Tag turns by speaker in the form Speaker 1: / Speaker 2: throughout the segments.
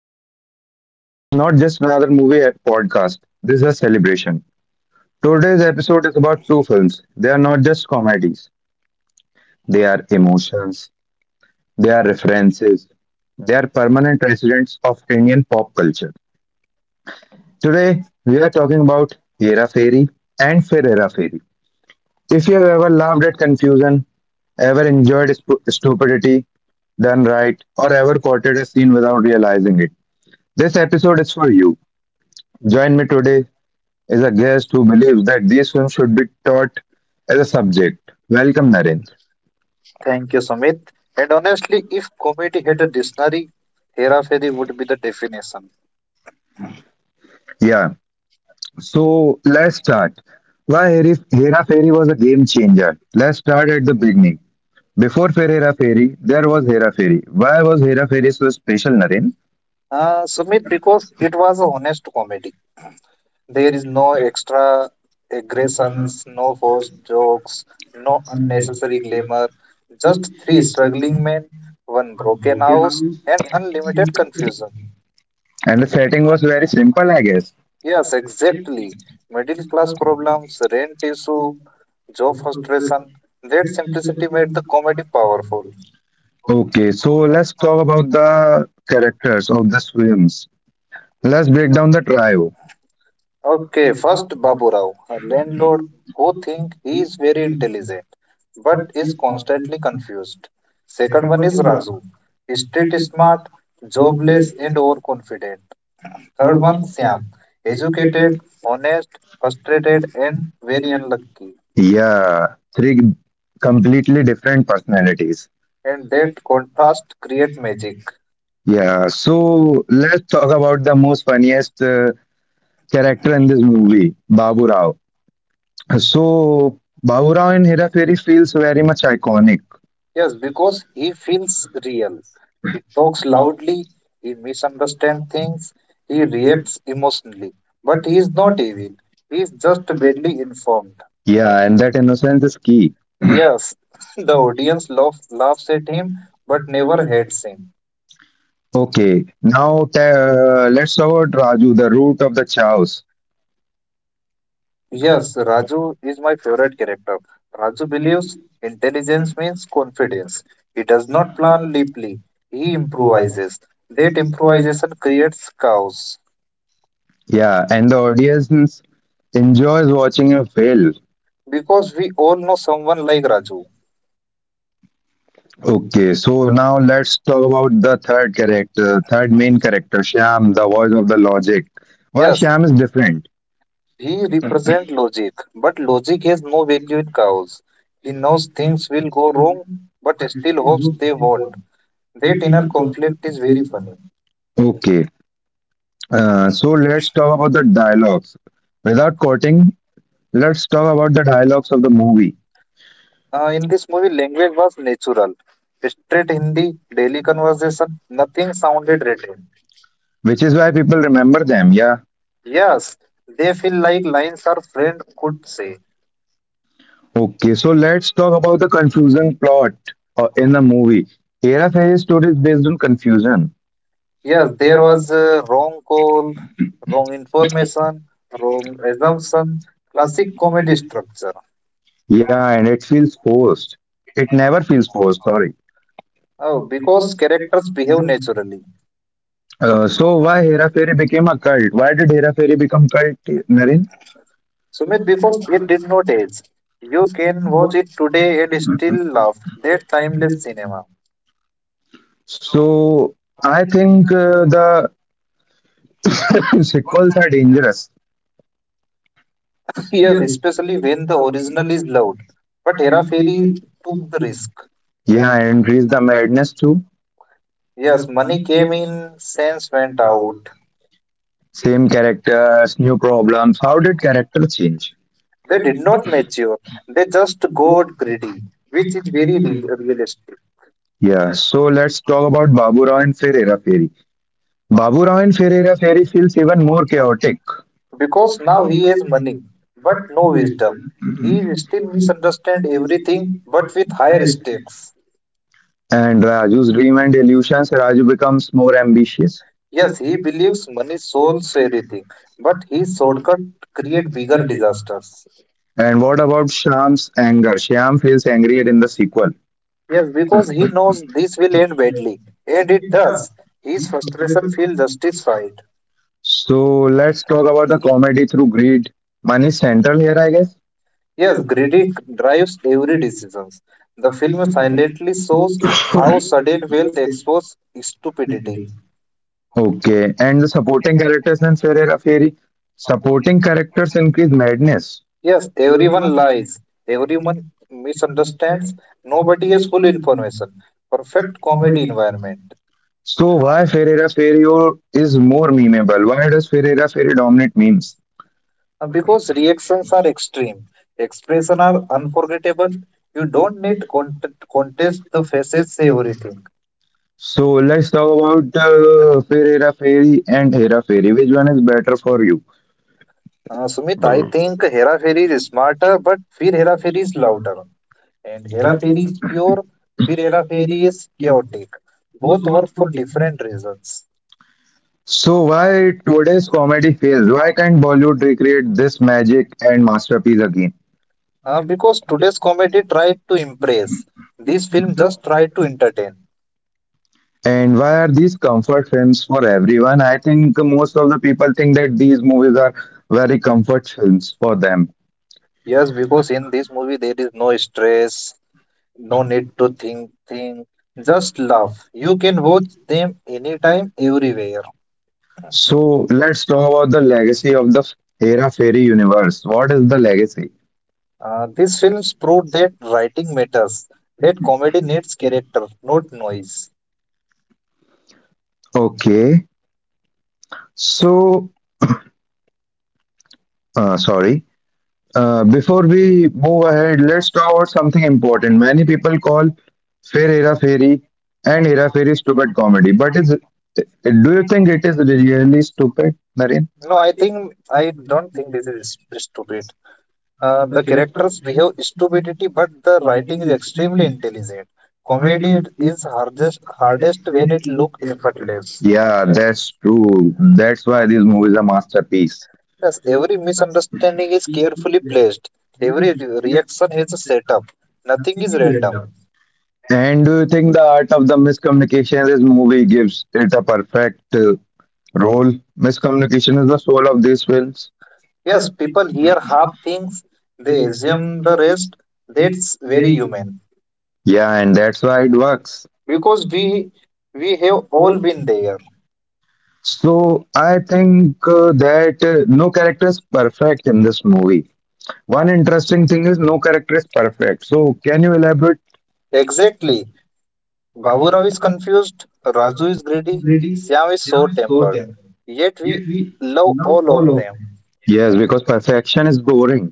Speaker 1: Talks. This is not just another movie podcast, this is a celebration. Today's episode is about two films. They are not just comedies, they are emotions, they are references, they are permanent residents of Indian pop culture. Today, we are talking about Hera Fairy and Fir Hera Fairy. If you have ever laughed at confusion, ever enjoyed stupidity done right, or ever quoted a scene without realizing it, this episode is for you. Join me today is a guest who believes that these films should be taught as a subject. Welcome, Narendra.
Speaker 2: Thank you, Sumit. And honestly, if comedy had a dictionary, Hera Fairy would be the definition.
Speaker 1: Yeah, so let's start. Why Hera Fairy was a game changer? Let's start at the beginning. Before Fair Hera Fairy, there was Hera Fairy. Why was Hera Fairy so special, Narendra?
Speaker 2: Sumit, because it was a honest comedy. There is no extra aggressions, no forced jokes, no unnecessary glamour. Just three struggling men, one broken house, and unlimited confusion.
Speaker 1: And the setting was very simple, I guess.
Speaker 2: Yes, exactly. Middle class problems, rent issue, job frustration. That simplicity made the comedy powerful.
Speaker 1: Okay, so let's talk about the characters of the films. Let's break down the trio.
Speaker 2: Okay, first Baburao, a landlord who thinks he is very intelligent but is constantly confused. Second one is Razu, street smart, jobless and overconfident. Third one Syam, educated, honest, frustrated and very unlucky.
Speaker 1: Yeah, three completely different personalities.
Speaker 2: And that contrast create magic.
Speaker 1: Yeah, so let's talk about the most funniest character in this movie, Babu Rao. So Babu Rao in Hera Fairy feels very much iconic.
Speaker 2: Yes, because he feels real. He talks loudly, he misunderstands things, he reacts emotionally. But he is not evil. He is just badly informed.
Speaker 1: Yeah, and that innocence is key.
Speaker 2: Yes, the audience laughs at him but never hates him.
Speaker 1: Okay, now let's talk about Raju, the root of the chaos.
Speaker 2: Yes, Raju is my favorite character. Raju believes intelligence means confidence. He does not plan deeply. He improvises. That improvisation creates chaos.
Speaker 1: Yeah, and the audience enjoys watching him fail.
Speaker 2: Because we all know someone like Raju.
Speaker 1: Okay, so now let's talk about the third character, third main character, Shyam, the voice of the logic. Why
Speaker 2: Yes,
Speaker 1: Shyam is different?
Speaker 2: he represent logic, but logic has no value in chaos. He knows things will go wrong, but still hopes they won't. That inner conflict is very funny.
Speaker 1: Okay. So let's talk about the dialogues. Without quoting, let's talk about the dialogues of the movie,
Speaker 2: In this movie, language was natural. Straight Hindi, daily conversation, nothing sounded written.
Speaker 1: which is why people remember them. Yeah.
Speaker 2: Yes, they feel like lines our friend could say.
Speaker 1: Okay. So let's talk about the confusing plot in the movie. Hera Fairy's story is based on confusion.
Speaker 2: Yes, there was a wrong call, wrong information, wrong assumption, classic comedy structure.
Speaker 1: Yeah, and it feels forced. It never feels forced. Sorry.
Speaker 2: Oh, because characters behave naturally.
Speaker 1: So why Hera Fairy became a cult? Why did Hera Fairy become cult, Narin?
Speaker 2: Sumit, because it did not age. You can watch it today and still laugh. That timeless cinema.
Speaker 1: So I think the sequels are dangerous.
Speaker 2: Yes, especially when the original is loud. But Hera Fairy took the risk.
Speaker 1: Yeah, and reach the madness too.
Speaker 2: Yes, money came in, sense went out.
Speaker 1: Same characters, new problems. How did character change?
Speaker 2: They did not mature. They just got greedy, which is very realistic.
Speaker 1: Yeah, so let's talk about Babu Rao and Fir Hera Fairy. Babu Rao and Fir Hera Fairy feels even more chaotic.
Speaker 2: Because now he has money, but no wisdom. He still misunderstands everything, but with higher stakes.
Speaker 1: And Raju's dream and illusions, Raju becomes more ambitious.
Speaker 2: Yes, he believes money solves everything, but his shortcut create bigger disasters.
Speaker 1: And what about Shyam's anger? Shyam feels angry in the sequel.
Speaker 2: Yes, because he knows this will end badly, and it does. His frustration feels justified.
Speaker 1: So let's talk about the comedy through greed. One is central here, I guess.
Speaker 2: Yes, greedy drives every decision. The film silently shows how sudden wealth exposes stupidity.
Speaker 1: Okay, and the supporting characters in Fir Hera Fairy. Supporting characters increase madness.
Speaker 2: Yes, everyone lies, everyone misunderstands, nobody has full information. Perfect comedy environment.
Speaker 1: So why Ferreira Ferrio is more memeable? Why does Ferreira Ferry dominate memes?
Speaker 2: Because reactions are extreme, expression are unforgettable. You don't need contest, the faces say everything.
Speaker 1: So let's talk about Ferreira Ferry and Hera Ferry. Which one is better for you?
Speaker 2: Sumit, I think Hera Fairy is smarter but Fear Hera Fairy is louder. And Hera Fairy is pure, Fear Hera Fairy is chaotic. Both work for different reasons.
Speaker 1: So why today's comedy fails? Why can't Bollywood recreate this magic and masterpiece again?
Speaker 2: Because today's comedy tried to impress, this film just tried to entertain.
Speaker 1: And why are these comfort films for everyone? I think most of the people think that these movies are very comfort films for them.
Speaker 2: Yes, because in this movie there is no stress. No need to think, just love. You can watch them anytime, everywhere.
Speaker 1: So let's talk about the legacy of the Hera Fairy universe. What is the legacy?
Speaker 2: These films prove that writing matters, that comedy needs character, not noise.
Speaker 1: Okay. So, sorry. Before we move ahead, let's talk about something important. Many people call Fair Hera Fairy and Hera Fairy stupid comedy, but is do you think it is really stupid, Naren?
Speaker 2: No, I think I don't think this is stupid. The characters behave stupidity, but the writing is extremely intelligent. Comedy is hardest when it looks effortless.
Speaker 1: Yeah, that's true. That's why this movie is a masterpiece.
Speaker 2: Yes, every misunderstanding is carefully placed. Every reaction has a setup. Nothing is random.
Speaker 1: And do you think the art of the miscommunication in this movie gives it a perfect role? Miscommunication is the soul of these films.
Speaker 2: Yes, people here half things, they assume the rest. That's very human,
Speaker 1: Yeah, and that's why it works.
Speaker 2: because we have all been there.
Speaker 1: So I think that no character is perfect in this movie. One interesting thing is no character is perfect. So can you elaborate?
Speaker 2: Exactly. Baburao is confused, Raju is greedy, Siam is so tempered. Yet we love all of them.
Speaker 1: Yes, because perfection is boring.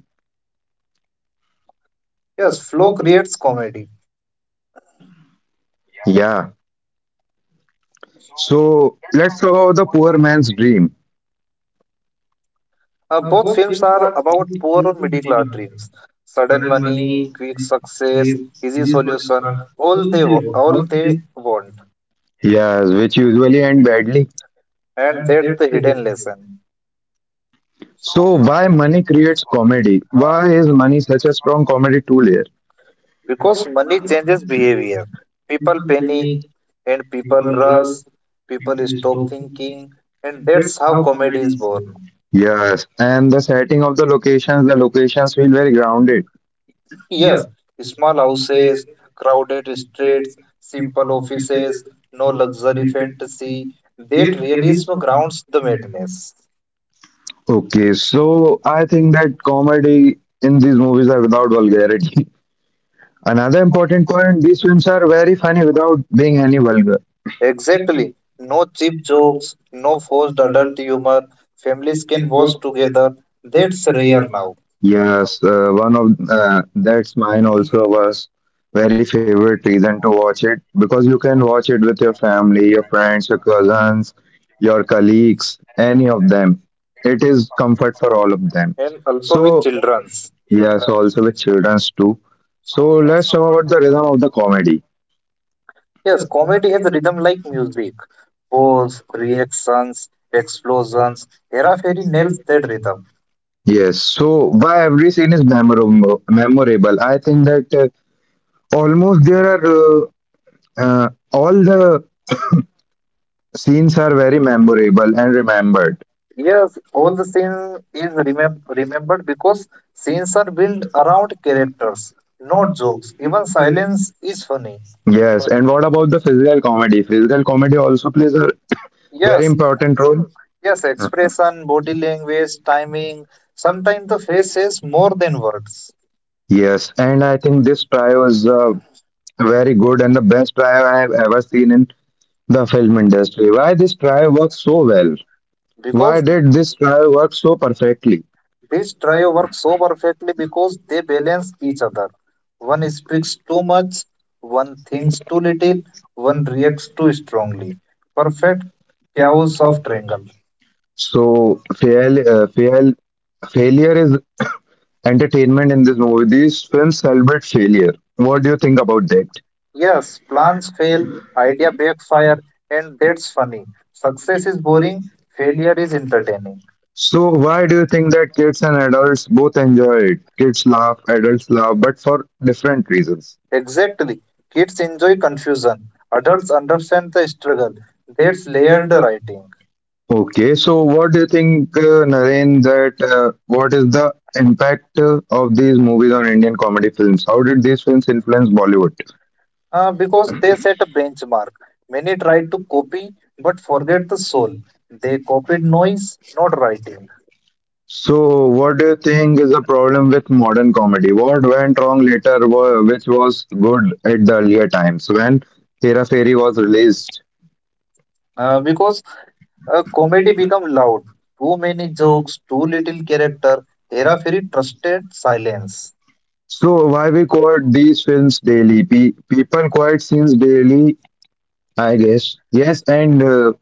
Speaker 2: Yes, flow creates comedy.
Speaker 1: Yeah. So let's talk about the poor man's dream.
Speaker 2: Both films are about poor or middle class dreams. Sudden money, quick success, easy solution, all they want.
Speaker 1: Yes, which usually end badly.
Speaker 2: And that's the hidden lesson.
Speaker 1: So why money creates comedy? Why is money such a strong comedy tool here?
Speaker 2: Because money changes behavior. People panic and people rush, people stop thinking, and that's how comedy is born.
Speaker 1: Yes, and the setting of the locations feel very grounded.
Speaker 2: Yes, small houses, crowded streets, simple offices, no luxury fantasy. That realism grounds the madness.
Speaker 1: Okay, so I think that comedy in these movies are without vulgarity. Another important point: these films are very funny without being any vulgar.
Speaker 2: Exactly. No cheap jokes, no forced adult humor. Families can watch together. That's rare now.
Speaker 1: Yes, one of that's mine also was very favorite reason to watch it because you can watch it with your family, your friends, your cousins, your colleagues, any of them. It is comfort for all of them.
Speaker 2: And also with
Speaker 1: So
Speaker 2: children's.
Speaker 1: yes, also with childrens too. So let's talk about the rhythm of the comedy.
Speaker 2: Yes, comedy has a rhythm like music. Pose, reactions, explosions. Hera Fairy nails that rhythm.
Speaker 1: Yes, so why every scene is memorable? Memorable. I think that almost there are all the scenes are very memorable and remembered.
Speaker 2: Yes, all the scene is remembered because scenes are built around characters, not jokes. Even silence is funny.
Speaker 1: Yes, and what about the physical comedy? Physical comedy also plays a very
Speaker 2: Yes,
Speaker 1: important role.
Speaker 2: yes, expression, body language, timing. Sometimes the face says more than words.
Speaker 1: Yes, and I think this try was very good and the best try I have ever seen in the film industry. Why this try works so well? Why
Speaker 2: Because
Speaker 1: did this try work so perfectly?
Speaker 2: this trio works so perfectly because they balance each other. One speaks too much, one thinks too little, one reacts too strongly. Perfect chaos of triangle.
Speaker 1: So failure is entertainment in this movie. These films celebrate failure. What do you think about that?
Speaker 2: Yes, plans fail, idea backfire, and that's funny. Success is boring, failure is entertaining.
Speaker 1: So why do you think that kids and adults both enjoy it? Kids laugh, adults laugh, but for different reasons.
Speaker 2: Exactly. Kids enjoy confusion. Adults understand the struggle. That's layered writing.
Speaker 1: Okay, so what do you think, Naren, that what is the impact of these movies on Indian comedy films? How did these films influence Bollywood?
Speaker 2: Because they set a benchmark. Many try to copy but forget the soul. They copied noise, not writing.
Speaker 1: So, what do you think is the problem with modern comedy? What went wrong later, which was good at the earlier times when Hera Fairy was released?
Speaker 2: Because comedy become loud. Too many jokes, too little character. Hera Fairy trusted silence.
Speaker 1: So, why we quote these films daily? People quote scenes daily, I guess. Yes, and uh,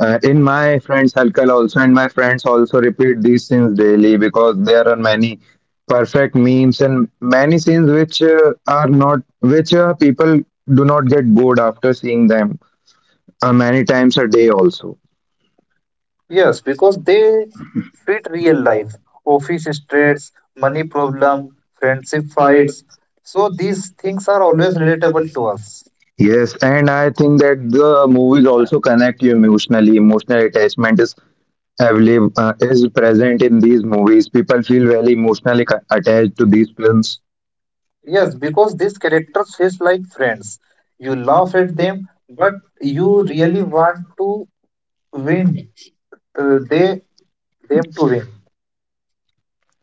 Speaker 1: uh, in my friends' circle also, and my friends also repeat these scenes daily because there are many perfect memes and many scenes which are not, which people do not get bored after seeing them, many times a day also.
Speaker 2: Yes, because they fit real life, office stress, money problem, friendship fights. So these things are always relatable to us.
Speaker 1: Yes, and I think that the movies also connect you emotionally. Emotional attachment is available, is present in these movies. People feel very emotionally attached to these films.
Speaker 2: Yes, because these characters feel like friends. You laugh at them, but you really want to win. They them to win.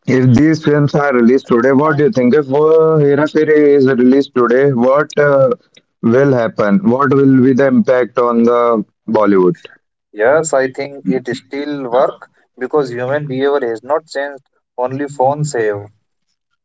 Speaker 1: If these films are released today, what do you think, if Hera Fairy is released today, what will happen, what will be the impact on the Bollywood?
Speaker 2: Yes, I think it still work because human behavior has not changed. Only phones have.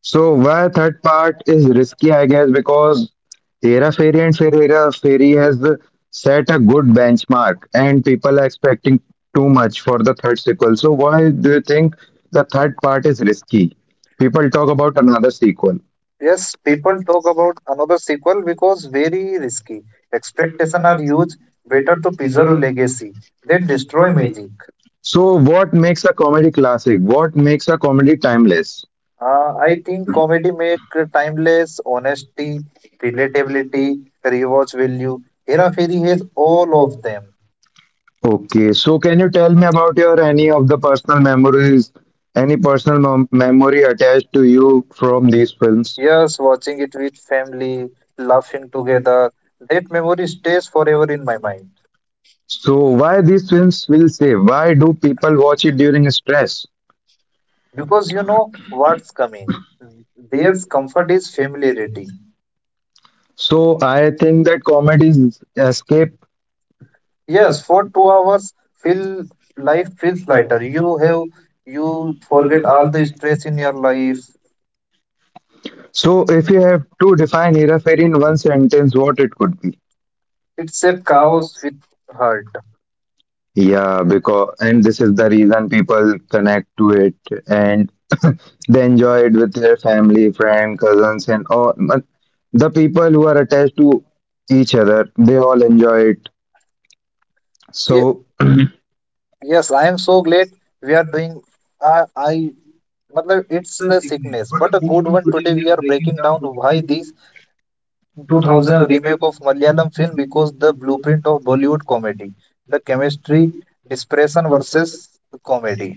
Speaker 1: So why third part is risky, I guess, because Hera Fairy and Fair Hera Fairy has set a good benchmark, and people are expecting too much for the third sequel. So why do you think the third part is risky? People talk about another sequel.
Speaker 2: Yes, people talk about another sequel because very risky. Expectation are huge. Better to preserve legacy than destroy magic.
Speaker 1: So what makes a comedy classic? What makes a comedy timeless?
Speaker 2: I think comedy make timeless honesty, relatability, rewatch value. Hera Fairy has all of them.
Speaker 1: Okay, so can you tell me about your any of the personal memories, any personal memory attached to you from these films?
Speaker 2: Yes, watching it with family, laughing together, that memory stays forever in my mind
Speaker 1: So why these films will say why do people watch it during stress?
Speaker 2: because you know what's coming. Their comfort is familiarity.
Speaker 1: So I think that comedy is escape.
Speaker 2: Yes, for 2 hours, feel life feels lighter. You have you forget all the stress in your life.
Speaker 1: So if you have to define Hera Fairy in one sentence, what it could be?
Speaker 2: It's a cows with hurt.
Speaker 1: Yeah, because and this is the reason people connect to it and they enjoy it with their family, friend, cousins, and all. But the people who are attached to each other, they all enjoy it.
Speaker 2: Ye-
Speaker 1: So
Speaker 2: Yes, I am so glad we are doing. I, I, matlab, it's a sickness, but a good one. Today we are breaking down why this 2000 remake of Malayalam film because the blueprint of Bollywood comedy, the chemistry, desperation versus comedy.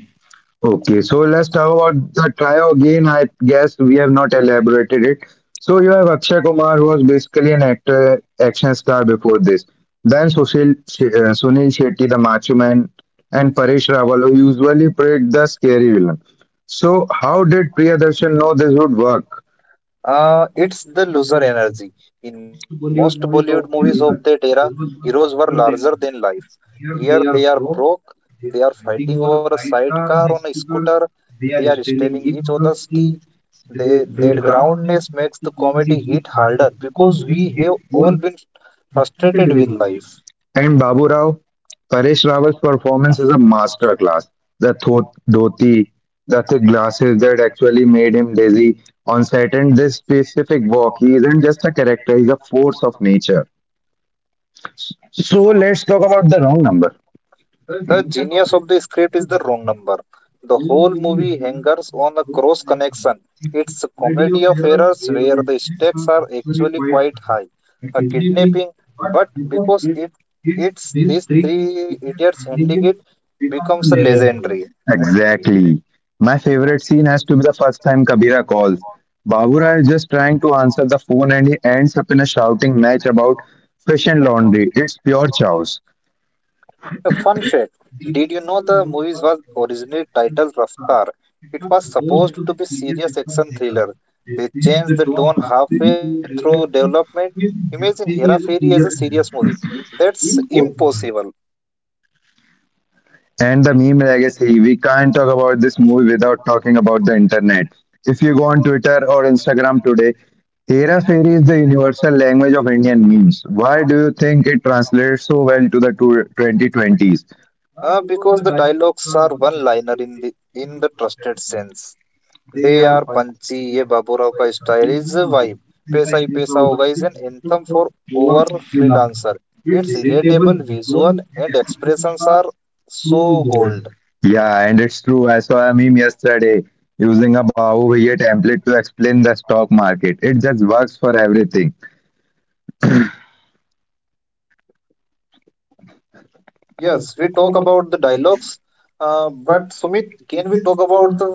Speaker 1: okay, so let's talk about the trio again. I guess we have not elaborated it. So you have Akshay Kumar, who was basically an actor, action star before this. Then Sunil Shetty, the macho man, and Paresh Rawal, who usually played the scary villain. So how did Priyadarshan know this would work?
Speaker 2: It's the loser energy. In most Bollywood movies of that era, heroes were larger than life. Here they are broke, they are fighting over a sidecar on a scooter, they are stealing each other's tea. That groundness makes the comedy hit harder because we have all been frustrated with life.
Speaker 1: And Babu Rao, Paresh Rawal's performance is a masterclass. The dhoti, the thick glasses that actually made him dizzy on set, and this specific walk. He isn't just a character, he's a force of nature. So let's talk about the wrong
Speaker 2: The genius of the script is the wrong number. The whole movie hangers on a cross connection. It's a comedy of errors where the stakes
Speaker 1: number.
Speaker 2: are actually quite high. A kidnapping, but because it's these three idiots handling it becomes a legendary.
Speaker 1: Exactly. My favorite scene has to be the first time Kabira calls. Babura is just trying to answer the phone and he ends up in a shouting match about fish and laundry. It's pure chaos.
Speaker 2: A fun fact: did you know the movie was originally titled Raftar? It was supposed to be serious action thriller. They changed the tone halfway through development. Imagine Hera Fairy as a serious movie. That's impossible.
Speaker 1: And the meme legacy. We can't talk about this movie without talking about the internet. If you go on Twitter or Instagram today, Hera Fairy is the universal language of Indian memes. Why do you think it translates so well to the two twenty twenties?
Speaker 2: Because the dialogues are one liner in the trusted sense. They are punchy. ये बाबूराव का style is vibe, पैसा ही पैसा होगा is an anthem for over freelancer. It's relatable, visual and expressions are so gold.
Speaker 1: Yeah, and it's true. I saw a meme yesterday using a Bahu Bhaiya template to explain the stock market. It just works for everything.
Speaker 2: Yes we talk about the dialogues but Sumit can we talk about the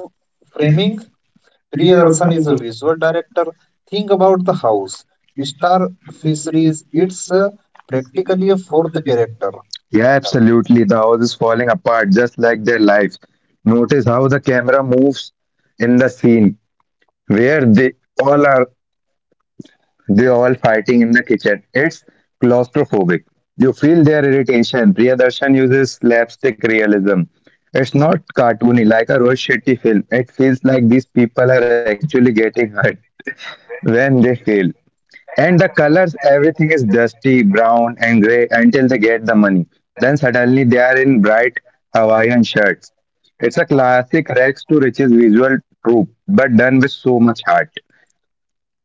Speaker 2: framing. Priyadarshan is a visual director. Think about the house, star fisheries, it's practically a fourth character.
Speaker 1: Yeah, absolutely. The house is falling apart just like their lives. Notice how the camera moves in the scene where all are they all fighting in the kitchen. It's claustrophobic. You feel their irritation. Priyadarshan uses slapstick realism. It's not cartoony like a Rohit Shetty film. It feels like these people are actually getting hurt when they fail. And the colors, everything is dusty, brown, and gray until they get the money. Then suddenly they are in bright Hawaiian shirts. It's a classic rags to riches visual trope, but done with so much heart.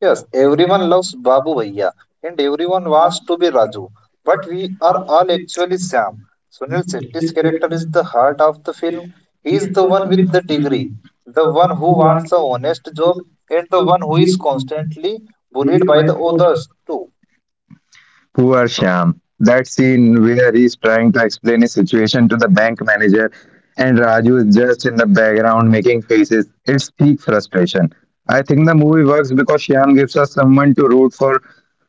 Speaker 2: Yes, everyone loves Babu Bhaiya and everyone wants to be Raju, but we are all actually Sam. Sunil Shetty's character is the heart of the film. He is the one with the degree, the one who wants a honest job, and the one who is constantly bullied by the others too.
Speaker 1: Poor Shyam. That scene where he's trying to explain his situation to the bank manager and Raju is just in the background making faces. It's peak frustration. I think the movie works because Shyam gives us someone to root for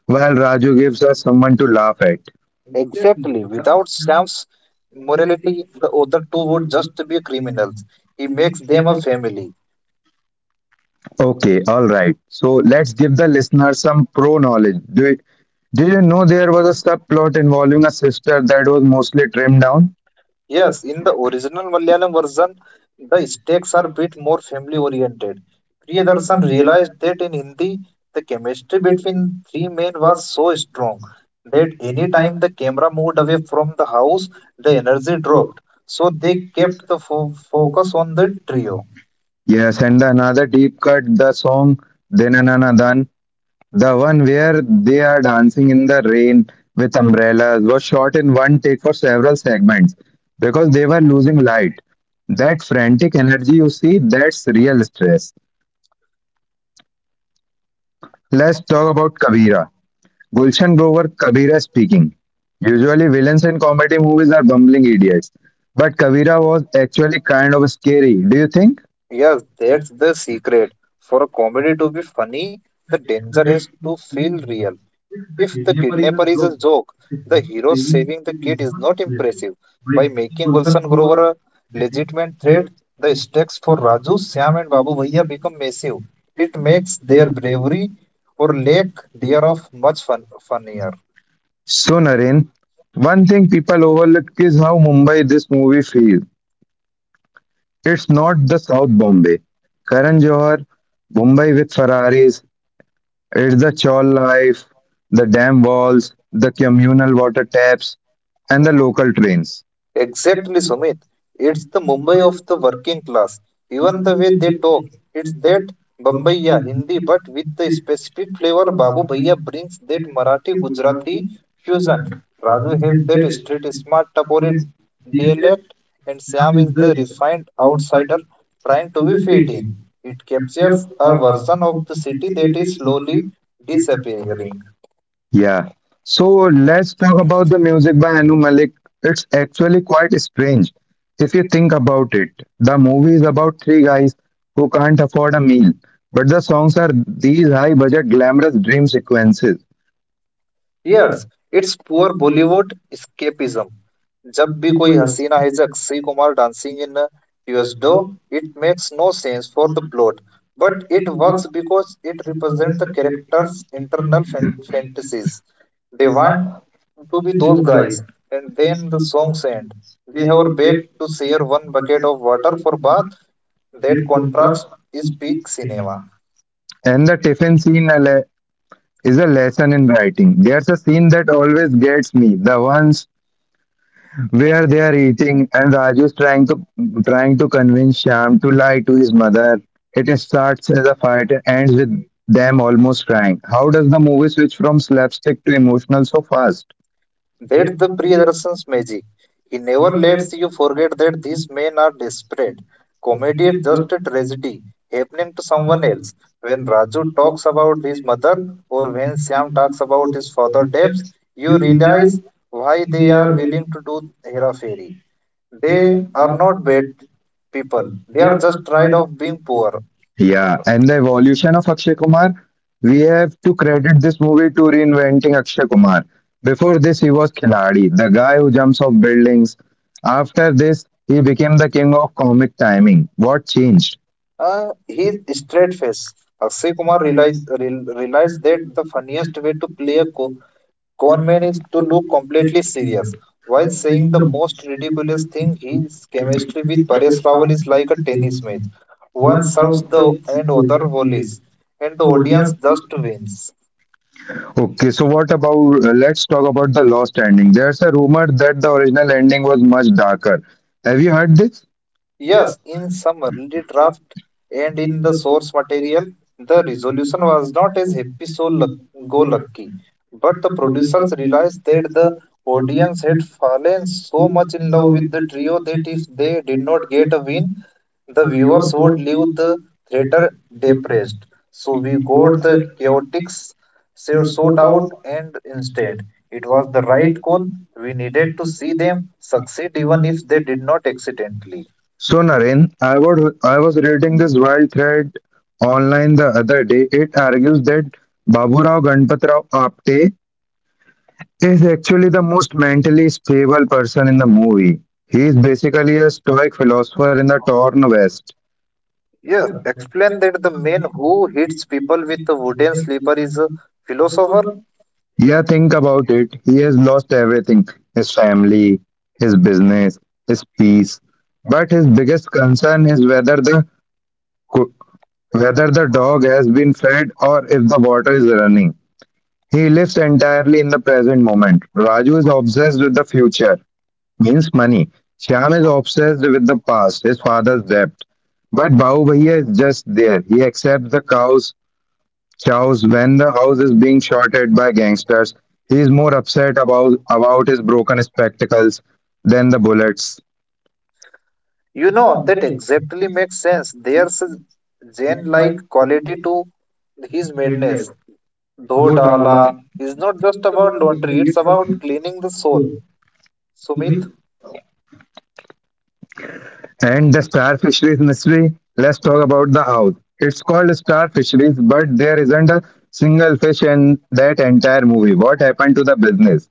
Speaker 1: while Raju gives us someone to laugh at.
Speaker 2: Exactly, without Sam's morality, the other two would just be criminals. He makes them a family.
Speaker 1: Okay, alright. So let's give the listener some pro knowledge. Do it. Did you know there was a subplot involving a sister that was mostly trimmed down?
Speaker 2: Yes, in the original Malayalam version, the stakes are bit more family oriented. Priyadarshan realized that in Hindi, the chemistry between three men was so strong that any time the camera moved away from the house, the energy dropped. So they kept the focus on the trio.
Speaker 1: Yes, and the another deep cut, the song Dinanana, the one where they are dancing in the rain with umbrellas was shot in one take for several segments because they were losing light. That frantic energy you see, that's real stress. Let's talk about Kabira. Gulshan Grover Kabira speaking. Usually, villains in comedy movies are bumbling idiots, but Kabira was actually kind of scary, do you think?
Speaker 2: Yes, that's the secret. For a comedy to be funny, the danger has to feel real. If the kidnapper is a joke, the hero saving the kid is not impressive. By making Gulshan Grover a legitimate threat, the stakes for Raju, Sam, and Babu Bhaiya become massive. It makes their bravery or lack thereof much funnier.
Speaker 1: So, Naren, one thing people overlook is how Mumbai this movie feels. It's not the South Bombay. Karan Johar, Mumbai with Ferraris. It's the chawl life, the dam walls, the communal water taps, and the local trains.
Speaker 2: Exactly, Sumit. It's the Mumbai of the working class. Even the way they talk, it's that Bombaya Hindi, but with the specific flavor. Babu Bhaiya brings that Marathi Gujarati fusion. Raju has that street smart Tapori dialect, and Sam is the refined outsider trying to be fit in. It captures a version of the city that is slowly disappearing.
Speaker 1: Yeah. So let's talk about the music by Anu Malik. It's actually quite strange if you think about it. The movie is about three guys who can't afford a meal, but the songs are these high budget glamorous dream sequences.
Speaker 2: Yes, it's poor Bollywood escapism. जब भी कोई हसीना हिजक सी Kumar dancing in a tuxedo, it makes no sense for the plot, but it works because it represents the characters' fantasies. They want to be those guys, and then the songs end. We have our back to share one bucket of water for bath. That contrast is peak cinema.
Speaker 1: And the is a lesson in writing. There's a scene that always gets me, the ones where they are eating and Raju's trying to convince Shyam to lie to his mother. It starts as a fight and ends with them almost crying. How does the movie switch from slapstick to emotional so fast?
Speaker 2: That's the Priyadrshan's magic. He never lets you forget that these men are desperate. Comedy is just a tragedy happening to someone else. When Raju talks about his mother or when Sam talks about his father debts, you realize why they are willing to do Hera Fairy. They are not bad people. They are just tired of being poor.
Speaker 1: Yeah, and the evolution of Akshay Kumar, we have to credit this movie to reinventing Akshay Kumar. Before this, he was Khiladi, the guy who jumps off buildings. After this, he became the king of comic timing. What changed?
Speaker 2: He's straight face. Akshay Kumar realized that the funniest way to play a Conman is to look completely serious while saying the most ridiculous thing. His chemistry with Paresh Rawal is like a tennis match. One serves the and other volleys, and the audience just wins.
Speaker 1: Okay, so what about let's talk about the lost ending. There's a rumor that the original ending was much darker. Have you heard this?
Speaker 2: Yes, in some early draft and in the source material, the resolution was not as happy so go lucky, but the producers realized that the audience had fallen so much in love with the trio that if they did not get a win the viewers would leave the theater depressed. So we got the chaotics sought out and instead. It was the right call. We needed to see them succeed even if they did not accidentally.
Speaker 1: So Naren, I was reading this wild thread online the other day. It argues that Baburao Ganpatrao Apte is actually the most mentally stable person in the movie. He is basically a stoic philosopher in the torn West.
Speaker 2: Yes, explain that the man who hits people with a wooden slipper is a philosopher.
Speaker 1: Yeah, think about it. He has lost everything, his family, his business, his peace. But his biggest concern is whether co- whether the dog has been fed or if the water is running. He lives entirely in the present moment. Raju is obsessed with the future. Means money. Shyam is obsessed with the past, his father's debt. But Bahu Bhaiya is just there. He accepts the cows, chows when the house is being shorted by gangsters. He is more upset about his broken spectacles than the bullets.
Speaker 2: You know, that exactly makes sense. There's a Zen like quality to his madness. Dho Dala is not just about laundry, it's about cleaning the soul. Sumit,
Speaker 1: And the star fisheries mystery, let's talk about the house. It's called star fisheries, but there isn't a single fish in that entire movie. What happened to the business?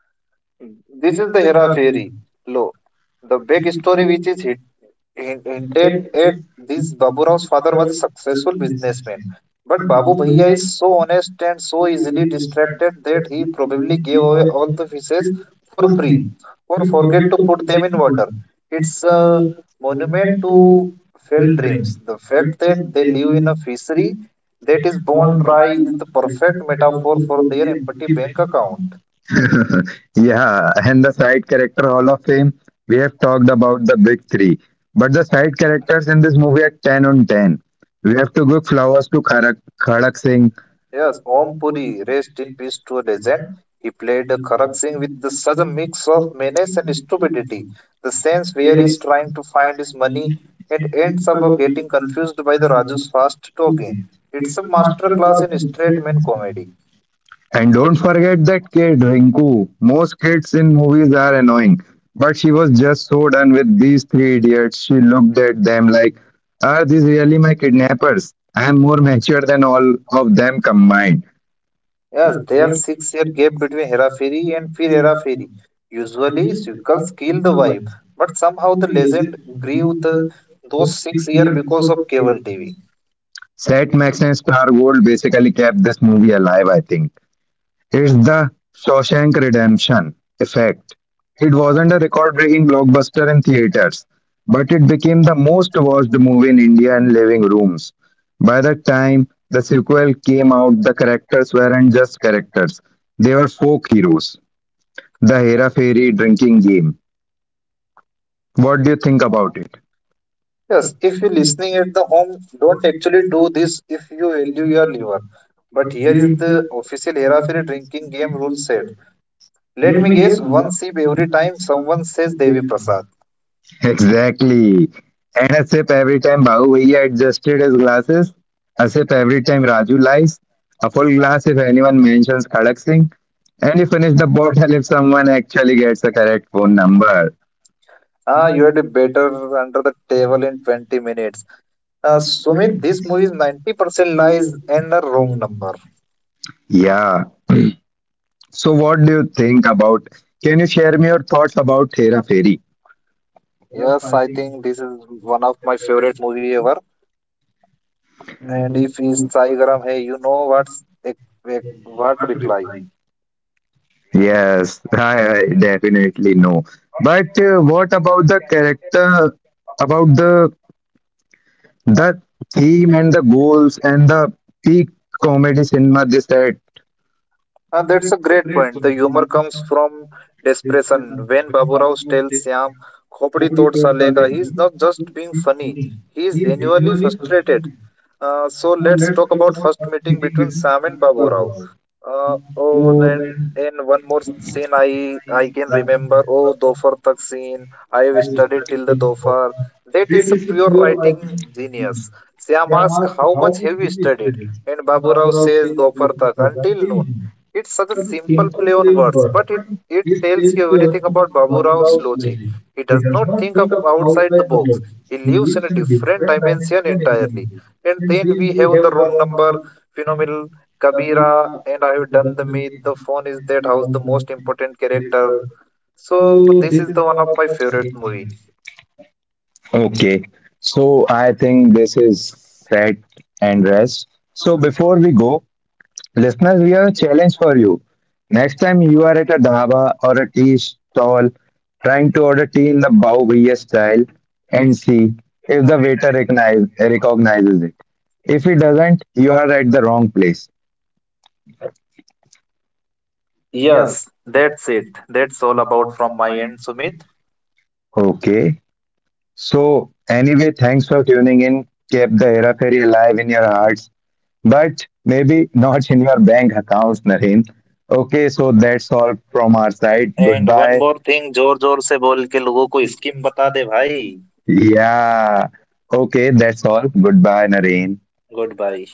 Speaker 2: this is the Hera Fairy. Lo, the big story which is hidden. Hint- hinted at this Babu Rao's father was a successful businessman. But Babu Bhaiya is so honest and so easily distracted that he probably gave away all the fishes for free or forget to put them in water. It's a monument to failed dreams. The fact that they live in a fishery that is bone dry is the perfect metaphor for their empty bank account.
Speaker 1: Yeah, and the side character Hall of Fame, we have talked about the big three, but the side characters in this movie are 10 on 10. We have to give flowers to Kharak Singh,
Speaker 2: Yes, Om Puri, rest in peace to a legend. He played Karak Singh with the, such a mix of menace and stupidity. The sense where he's trying to find his money and ends up getting confused by the Raju's fast talking. It's a masterclass in straight man comedy.
Speaker 1: and don't forget that kid Rinku. Most kids in movies are annoying, but she was just so done with these three idiots. She looked at them like, are these really my kidnappers? I am more mature than all of them combined.
Speaker 2: Yes, there's 6 year gap between Hera Heraferi and Fir Heraferi. Usually, sequels kill the vibe, but somehow the legend grew the, those 6 year because of cable TV.
Speaker 1: Set Max and Star Gold basically kept this movie alive, I think. It's the Shawshank Redemption effect. It wasn't a record breaking blockbuster in theaters, but it became the most watched movie in India in living rooms. By the time the sequel came out, the characters weren't just characters, they were folk heroes. The Hera Fairy drinking game. What do you think about it?
Speaker 2: Yes, if you listening at the home, don't actually do this if you value your liver. But here is the official Heraferi drinking game rule set. Let me guess, one sip every time someone says Devi Prasad.
Speaker 1: Exactly. And a sip every time Bahu Bhaiya adjusted his glasses, a sip every time Raju lies, a full glass if anyone mentions Khadak Singh, and you finish the bottle if someone actually gets the correct phone number.
Speaker 2: Ah, you had better under the table in 20 minutes. Sumit, this movie is 90% lies and a wrong number.
Speaker 1: Yeah. So what do you think about? Can you share me your thoughts about Thera Fairy?
Speaker 2: Yes, I think this is one of my favorite movie ever. And if it's Sai Garam, hey, you know what's what reply?
Speaker 1: Yes, I definitely know. But what about the character? About the theme and the goals and the peak comedy cinema they said,
Speaker 2: That's a great point. The humor comes from desperation. When Babu Rao tells Syam, "Khopdi tod salega," ka," he is not just being funny. He is genuinely frustrated. So let's talk about first meeting between Sam and Babu Rao. Oh, then in one more scene, I can remember. Oh, Dofar Tak scene. I have studied till the Dofar. That is a pure writing genius. Sam asks, "How much have you studied?" And Babu Rao says, "Dofar Tak until noon." It's such a simple play on words, but it tells you everything about Babu Rao's logic. He does not think of outside the box. He lives in a different dimension entirely and then we have the wrong number, phenomenal, Kabira, and I have done the math. The phone is that house, the most important character. So this is the one of my favorite movie.
Speaker 1: okay, so I think this is set and rest. So before we go, listeners, we have a challenge for you. Next time you are at a dhaba or a tea stall trying to order tea in the Bao Bhaiya style and see if the waiter recognizes it. If he doesn't, you are at the wrong place.
Speaker 2: Yes, that's it. That's all about from my end, Sumit.
Speaker 1: Okay. So, anyway, thanks for tuning in. Keep the Hera Fairy alive in your hearts, but maybe not in your bank accounts, Nareen. Okay, so that's all from our side.
Speaker 2: And one
Speaker 1: Goodbye.
Speaker 2: more thing, जोर जोर से बोल के लोगों को scheme बता दे भाई
Speaker 1: Yeah. Okay, that's all. Goodbye, Nareen.
Speaker 2: Good bye